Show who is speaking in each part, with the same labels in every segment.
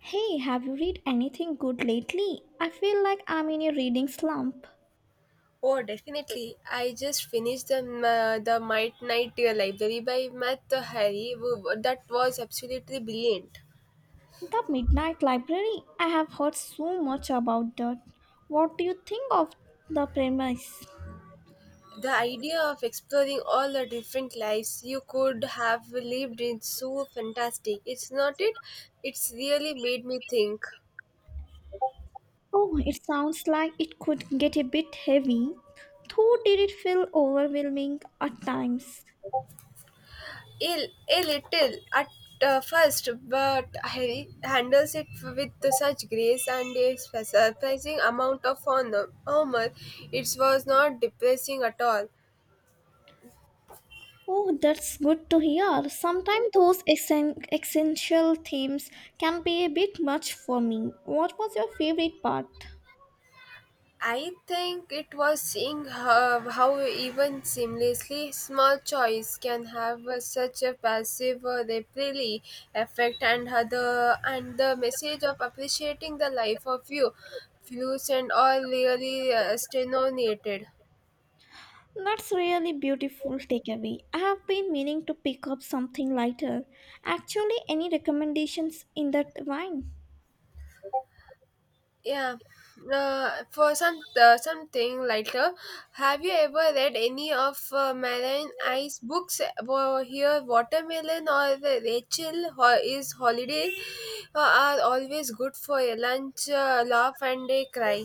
Speaker 1: Hey, have you read anything good lately? I feel like I'm in a reading slump.
Speaker 2: Oh, definitely. I just finished the Midnight Library by Matt Harry. That was absolutely brilliant.
Speaker 1: The Midnight Library. I have heard so much about that. What do you think of the premise?
Speaker 2: The idea of exploring all the different lives you could have lived is so fantastic. It's not it. It's really made me think.
Speaker 1: Oh, it sounds like it could get a bit heavy. Though did it feel overwhelming at times?
Speaker 2: A, a little at first, but Harry handles it with such grace and a surprising amount of honor. Humor. It was not depressing at all.
Speaker 1: Oh, that's good to hear. Sometimes those essential themes can be a bit much for me. What was your favorite part?
Speaker 2: I think it was seeing how even seamlessly small choice can have such a passive repelly effect and other and the message of appreciating the life of you views and all really stenonated.
Speaker 1: That's really beautiful takeaway. I have been meaning to pick up something lighter. Actually, any recommendations in that wine?
Speaker 2: Yeah. For something lighter, have you ever read any of Marine Ice books? Well, here, Watermelon or the Rachel Ho- is Holiday are always good for a lunch, laugh, and a cry.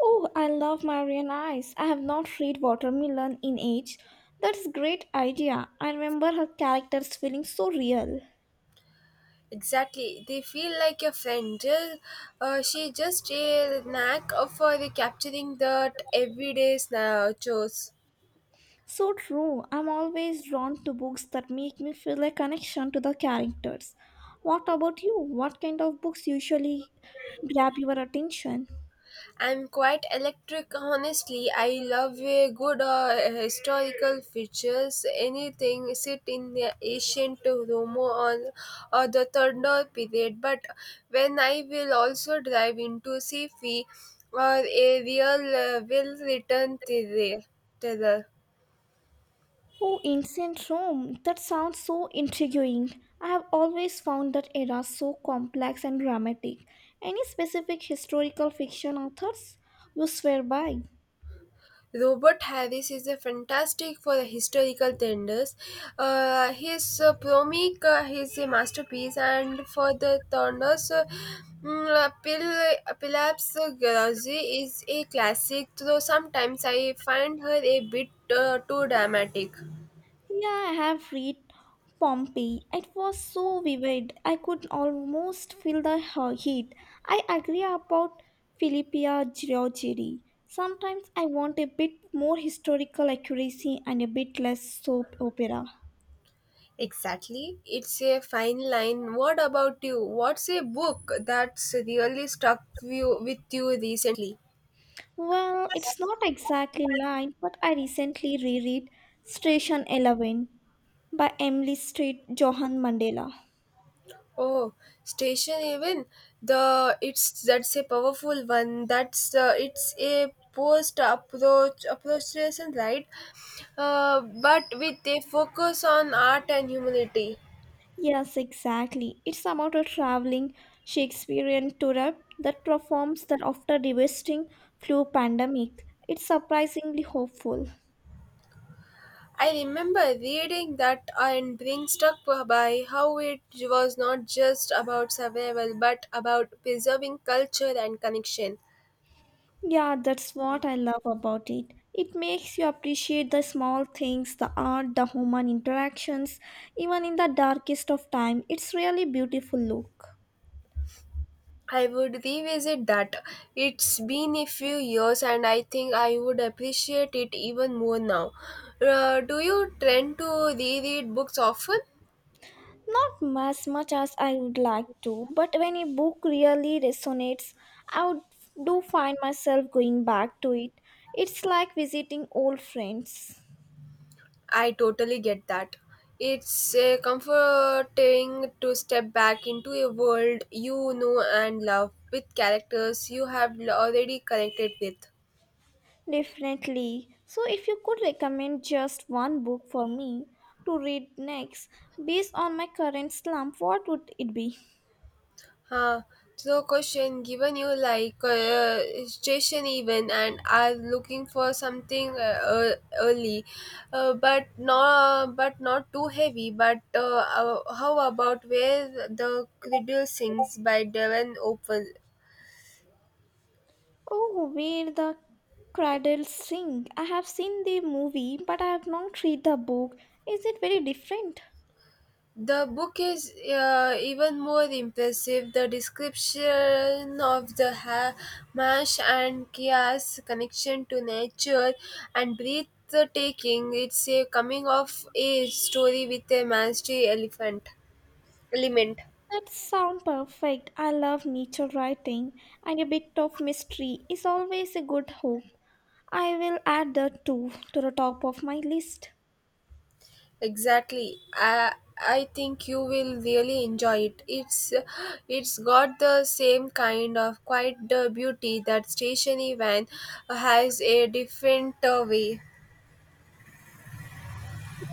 Speaker 1: Oh, I love Marian Ice. I have not read Watermelon in age. That's great idea. I remember her characters feeling so real.
Speaker 2: Exactly, they feel like a friend. She just a knack of for capturing the everyday chores.
Speaker 1: So true. I'm always drawn to books that make me feel a connection to the characters. What about you? What kind of books usually grab your attention?
Speaker 2: I'm quite electric, honestly. I love a good historical features. Anything set in the ancient Rome or the Tudor period. But when I will also dive into sci-fi or a real well-written thriller.
Speaker 1: Oh, ancient Rome. That sounds so intriguing. I have always found that era so complex and dramatic. Any specific historical fiction authors you swear by?
Speaker 2: Robert Harris is a fantastic for the historical tenders. His Promic is a masterpiece, and for the Thorners, Pilap's Garage is a classic, though sometimes I find her a bit too dramatic.
Speaker 1: Yeah, I have read Pompeii. It was so vivid. I could almost feel the heat. I agree about Philippia Giorgiri. Sometimes I want a bit more historical accuracy and a bit less soap opera.
Speaker 2: Exactly, it's a fine line. What about you? What's a book that's really stuck you, with you recently?
Speaker 1: Well, it's not exactly line, but I recently reread Station Eleven by Emily Street Johan Mandela.
Speaker 2: Oh, station even the it's that's a powerful one. That's It's a post approach lesson, right? But with a focus on art and humanity.
Speaker 1: Yes, exactly. It's about a traveling Shakespearean tour that performs the after devastating flu pandemic. It's surprisingly hopeful.
Speaker 2: I remember reading that and being struck by how it was not just about survival but about preserving culture and connection.
Speaker 1: Yeah, that's what I love about it. It makes you appreciate the small things, the art, the human interactions, even in the darkest of time. It's really beautiful look.
Speaker 2: I would revisit that. It's been a few years and I think I would appreciate it even more now. Do you tend to reread books often?
Speaker 1: Not as much as I would like to, but when a book really resonates, I would do find myself going back to it. It's like visiting old friends.
Speaker 2: I totally get that. It's comforting to step back into a world you know and love with characters you have already connected with.
Speaker 1: Definitely. So, if you could recommend just one book for me to read next based on my current slump, what would it be?
Speaker 2: Huh. So, question given you like station even, and are looking for something early, but not too heavy. But How about where the cradle sings by Devon Open.
Speaker 1: Oh, Where the Cradles Sing. I have seen the movie, but I have not read the book. Is it very different?
Speaker 2: The book is even more impressive. The description of the Hamash and Kia's connection to nature and breathtaking. It's a coming of age story with a mastery elephant element.
Speaker 1: That sounds perfect. I love nature writing, and a bit of mystery is always a good hook. I will add that too to the top of my list.
Speaker 2: Exactly. I think you will really enjoy it. It's got the same kind of quiet beauty that stationary van has a different way.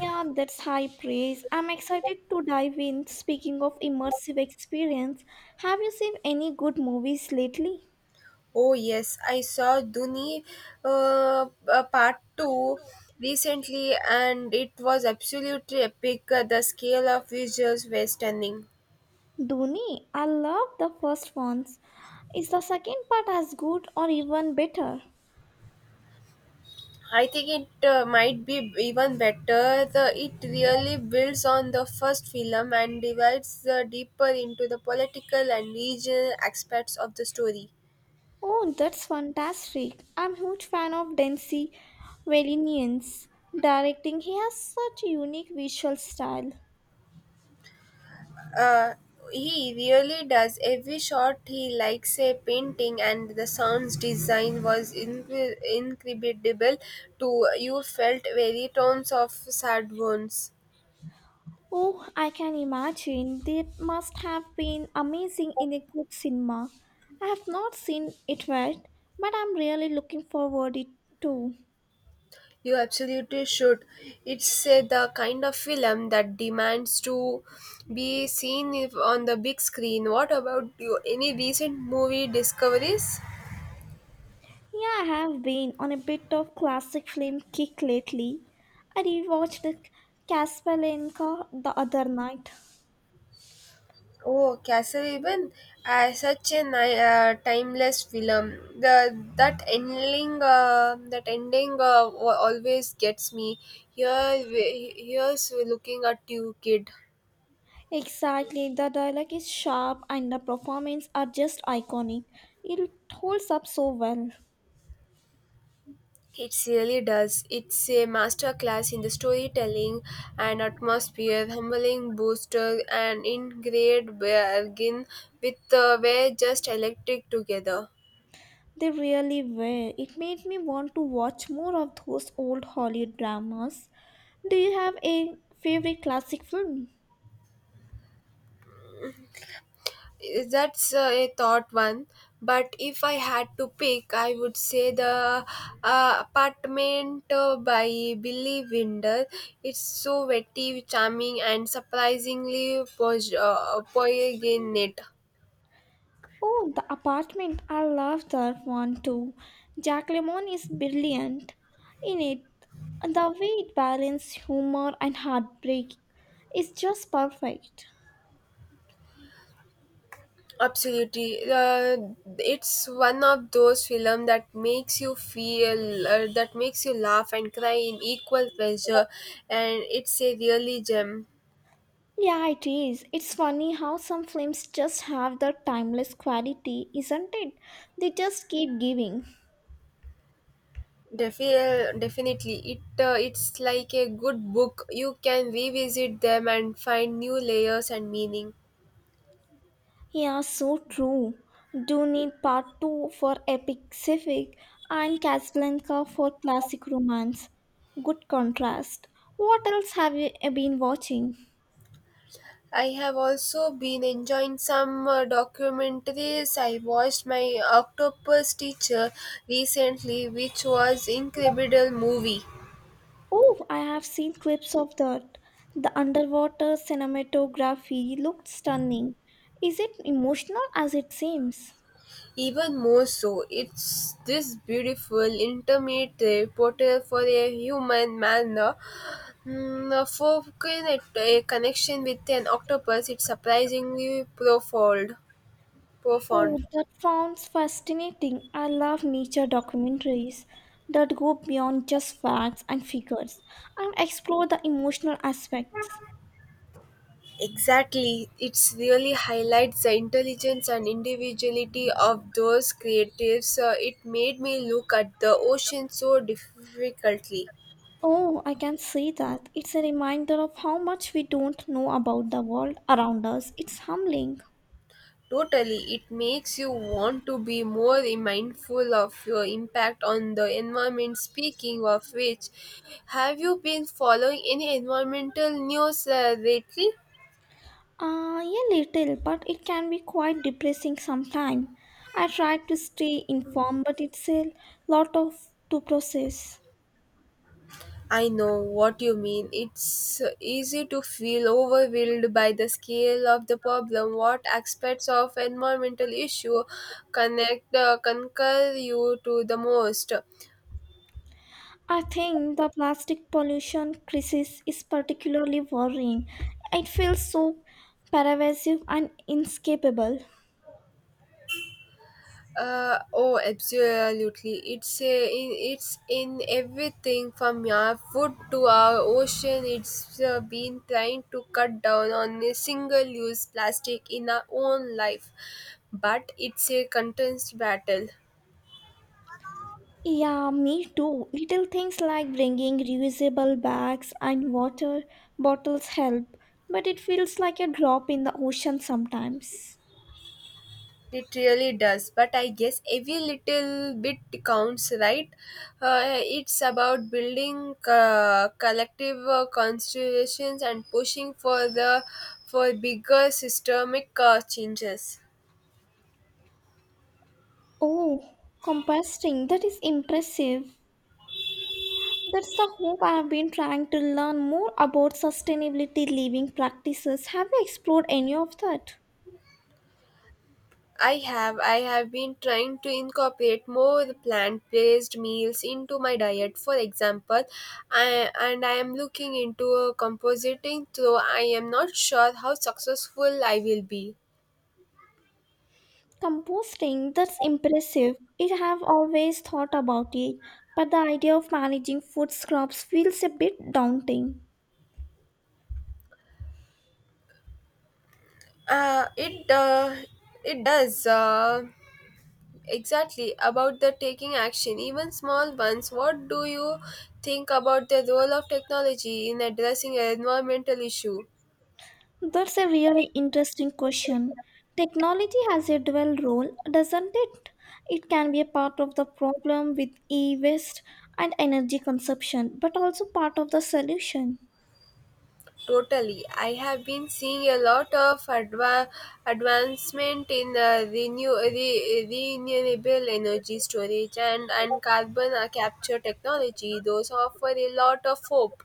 Speaker 1: Yeah, that's high praise. I'm excited to dive in. Speaking of immersive experience, have you seen any good movies lately?
Speaker 2: Oh yes, I saw Duni part 2 recently and it was absolutely epic. The scale of visuals were stunning.
Speaker 1: Dhoni, I love the first ones. Is the second part as good or even better?
Speaker 2: I think it might be even better. It really builds on the first film and dives deeper into the political and regional aspects of the story.
Speaker 1: Oh, that's fantastic. I'm huge fan of Densi Valinians. Directing, he has such a unique visual style.
Speaker 2: Uh, he really does. Every shot he likes a painting, and the sounds design was incredible. To you felt very tones of sad wounds.
Speaker 1: Oh, I can imagine. They must have been amazing in a good cinema. I have not seen it yet, but I'm really looking forward it too.
Speaker 2: You absolutely should. It's the kind of film that demands to be seen if on the big screen. What about you? Any recent movie discoveries?
Speaker 1: Yeah, I have been on a bit of classic film kick lately. I rewatched the Casablanca the other night.
Speaker 2: Oh, Castlevania! Such a timeless film. That ending always gets me. Here's we looking at you, kid.
Speaker 1: Exactly, the dialogue is sharp and the performances are just iconic. It holds up so well.
Speaker 2: It really does. It's a masterclass in the storytelling and atmosphere, humbling booster, and in great bargain with we're just electric together.
Speaker 1: They really were. It made me want to watch more of those old Hollywood dramas. Do you have a favorite classic film?
Speaker 2: That's A thought one, but if I had to pick, I would say the apartment by Billy Wilder. It's so witty, charming, and surprisingly poignant.
Speaker 1: Oh, The Apartment. I love that one too. Jack Lemmon is brilliant in it. The way it balances humor and heartbreak is just perfect.
Speaker 2: Absolutely, it's one of those films that that makes you laugh and cry in equal pleasure, and it's a really gem.
Speaker 1: Yeah, it is. It's funny how some films just have that timeless quality, isn't it? They just keep giving.
Speaker 2: Definitely, it's like a good book. You can revisit them and find new layers and meaning.
Speaker 1: Yeah, so true. Do need part 2 for epic civic and Casablanca for classic romance. Good contrast. What else have you been watching?
Speaker 2: I have also been enjoying some documentaries. I watched my Octopus Teacher recently, which was incredible movie.
Speaker 1: Oh, I have seen clips of that. The underwater cinematography looked stunning. Is it emotional as it seems?
Speaker 2: Even more so, it's this beautiful, intermediate portal for a human manner. A connection with an octopus, it's surprisingly profound.
Speaker 1: Oh,
Speaker 2: Profound.
Speaker 1: that sounds fascinating. I love nature documentaries that go beyond just facts and figures and explore the emotional aspects.
Speaker 2: Exactly, it's really highlights the intelligence and individuality of those creatives. It made me look at the ocean so difficultly.
Speaker 1: Oh, I can see that. It's a reminder of how much we don't know about the world around us. It's humbling.
Speaker 2: Totally, it makes you want to be more mindful of your impact on the environment. Speaking of which, have you been following any environmental news lately?
Speaker 1: Yeah, little, but it can be quite depressing sometimes. I try to stay informed, but it's a lot of to process.
Speaker 2: I know what you mean. It's easy to feel overwhelmed by the scale of the problem. What aspects of environmental issue connect concur you to the most?
Speaker 1: I think the plastic pollution crisis is particularly worrying. It feels so pervasive and inescapable.
Speaker 2: Oh, absolutely. It's in everything from our food to our ocean. It's been trying to cut down on the single-use plastic in our own life, but it's a contest battle.
Speaker 1: Yeah, me too. Little things like bringing reusable bags and water bottles help, but it feels like a drop in the ocean sometimes.
Speaker 2: It really does, but I guess every little bit counts, right? It's about building collective constellations and pushing for bigger systemic changes.
Speaker 1: Oh, composting, that is impressive. That's the hope I have been trying to learn more about sustainability living practices. Have you explored any of that?
Speaker 2: I have been trying to incorporate more plant-based meals into my diet. For example, I am looking into compositing, though I am not sure how successful I will be.
Speaker 1: Composting, that's impressive. I have always thought about it, but the idea of managing food scraps feels a bit daunting.
Speaker 2: It it does Exactly about the taking action, even small ones. What do you think about the role of technology in addressing an environmental issue?
Speaker 1: That's a really interesting question. Technology has a dual role, doesn't it? It can be a part of the problem with e waste and energy consumption, but also part of the solution.
Speaker 2: Totally, I have been seeing a lot of advancement in renewable energy storage and carbon capture technology. Those offer a lot of hope.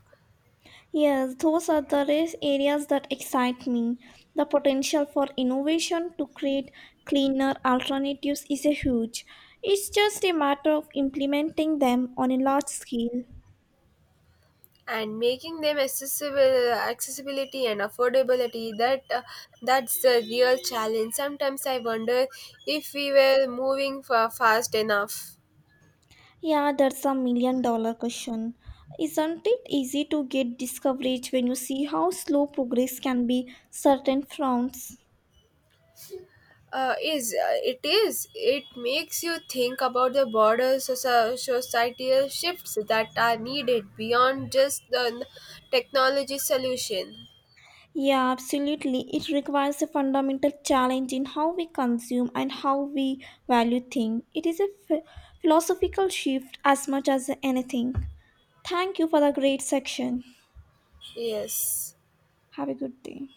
Speaker 1: Yes, those are the race areas that excite me. The potential for innovation to create cleaner alternatives is a huge. It's just a matter of implementing them on a large scale.
Speaker 2: And making them accessible accessibility and affordability that that's the real challenge. Sometimes I wonder if we were moving fast enough.
Speaker 1: Yeah, that's a million dollar question. Isn't it easy to get discouraged when you see how slow progress can be certain fronts?
Speaker 2: Is It is. It makes you think about the broader societal shifts that are needed beyond just the technology solution.
Speaker 1: Yeah, absolutely. It requires a fundamental challenge in how we consume and how we value things. It is a philosophical shift as much as anything. Thank you for the great section.
Speaker 2: Yes.
Speaker 1: Have a good day.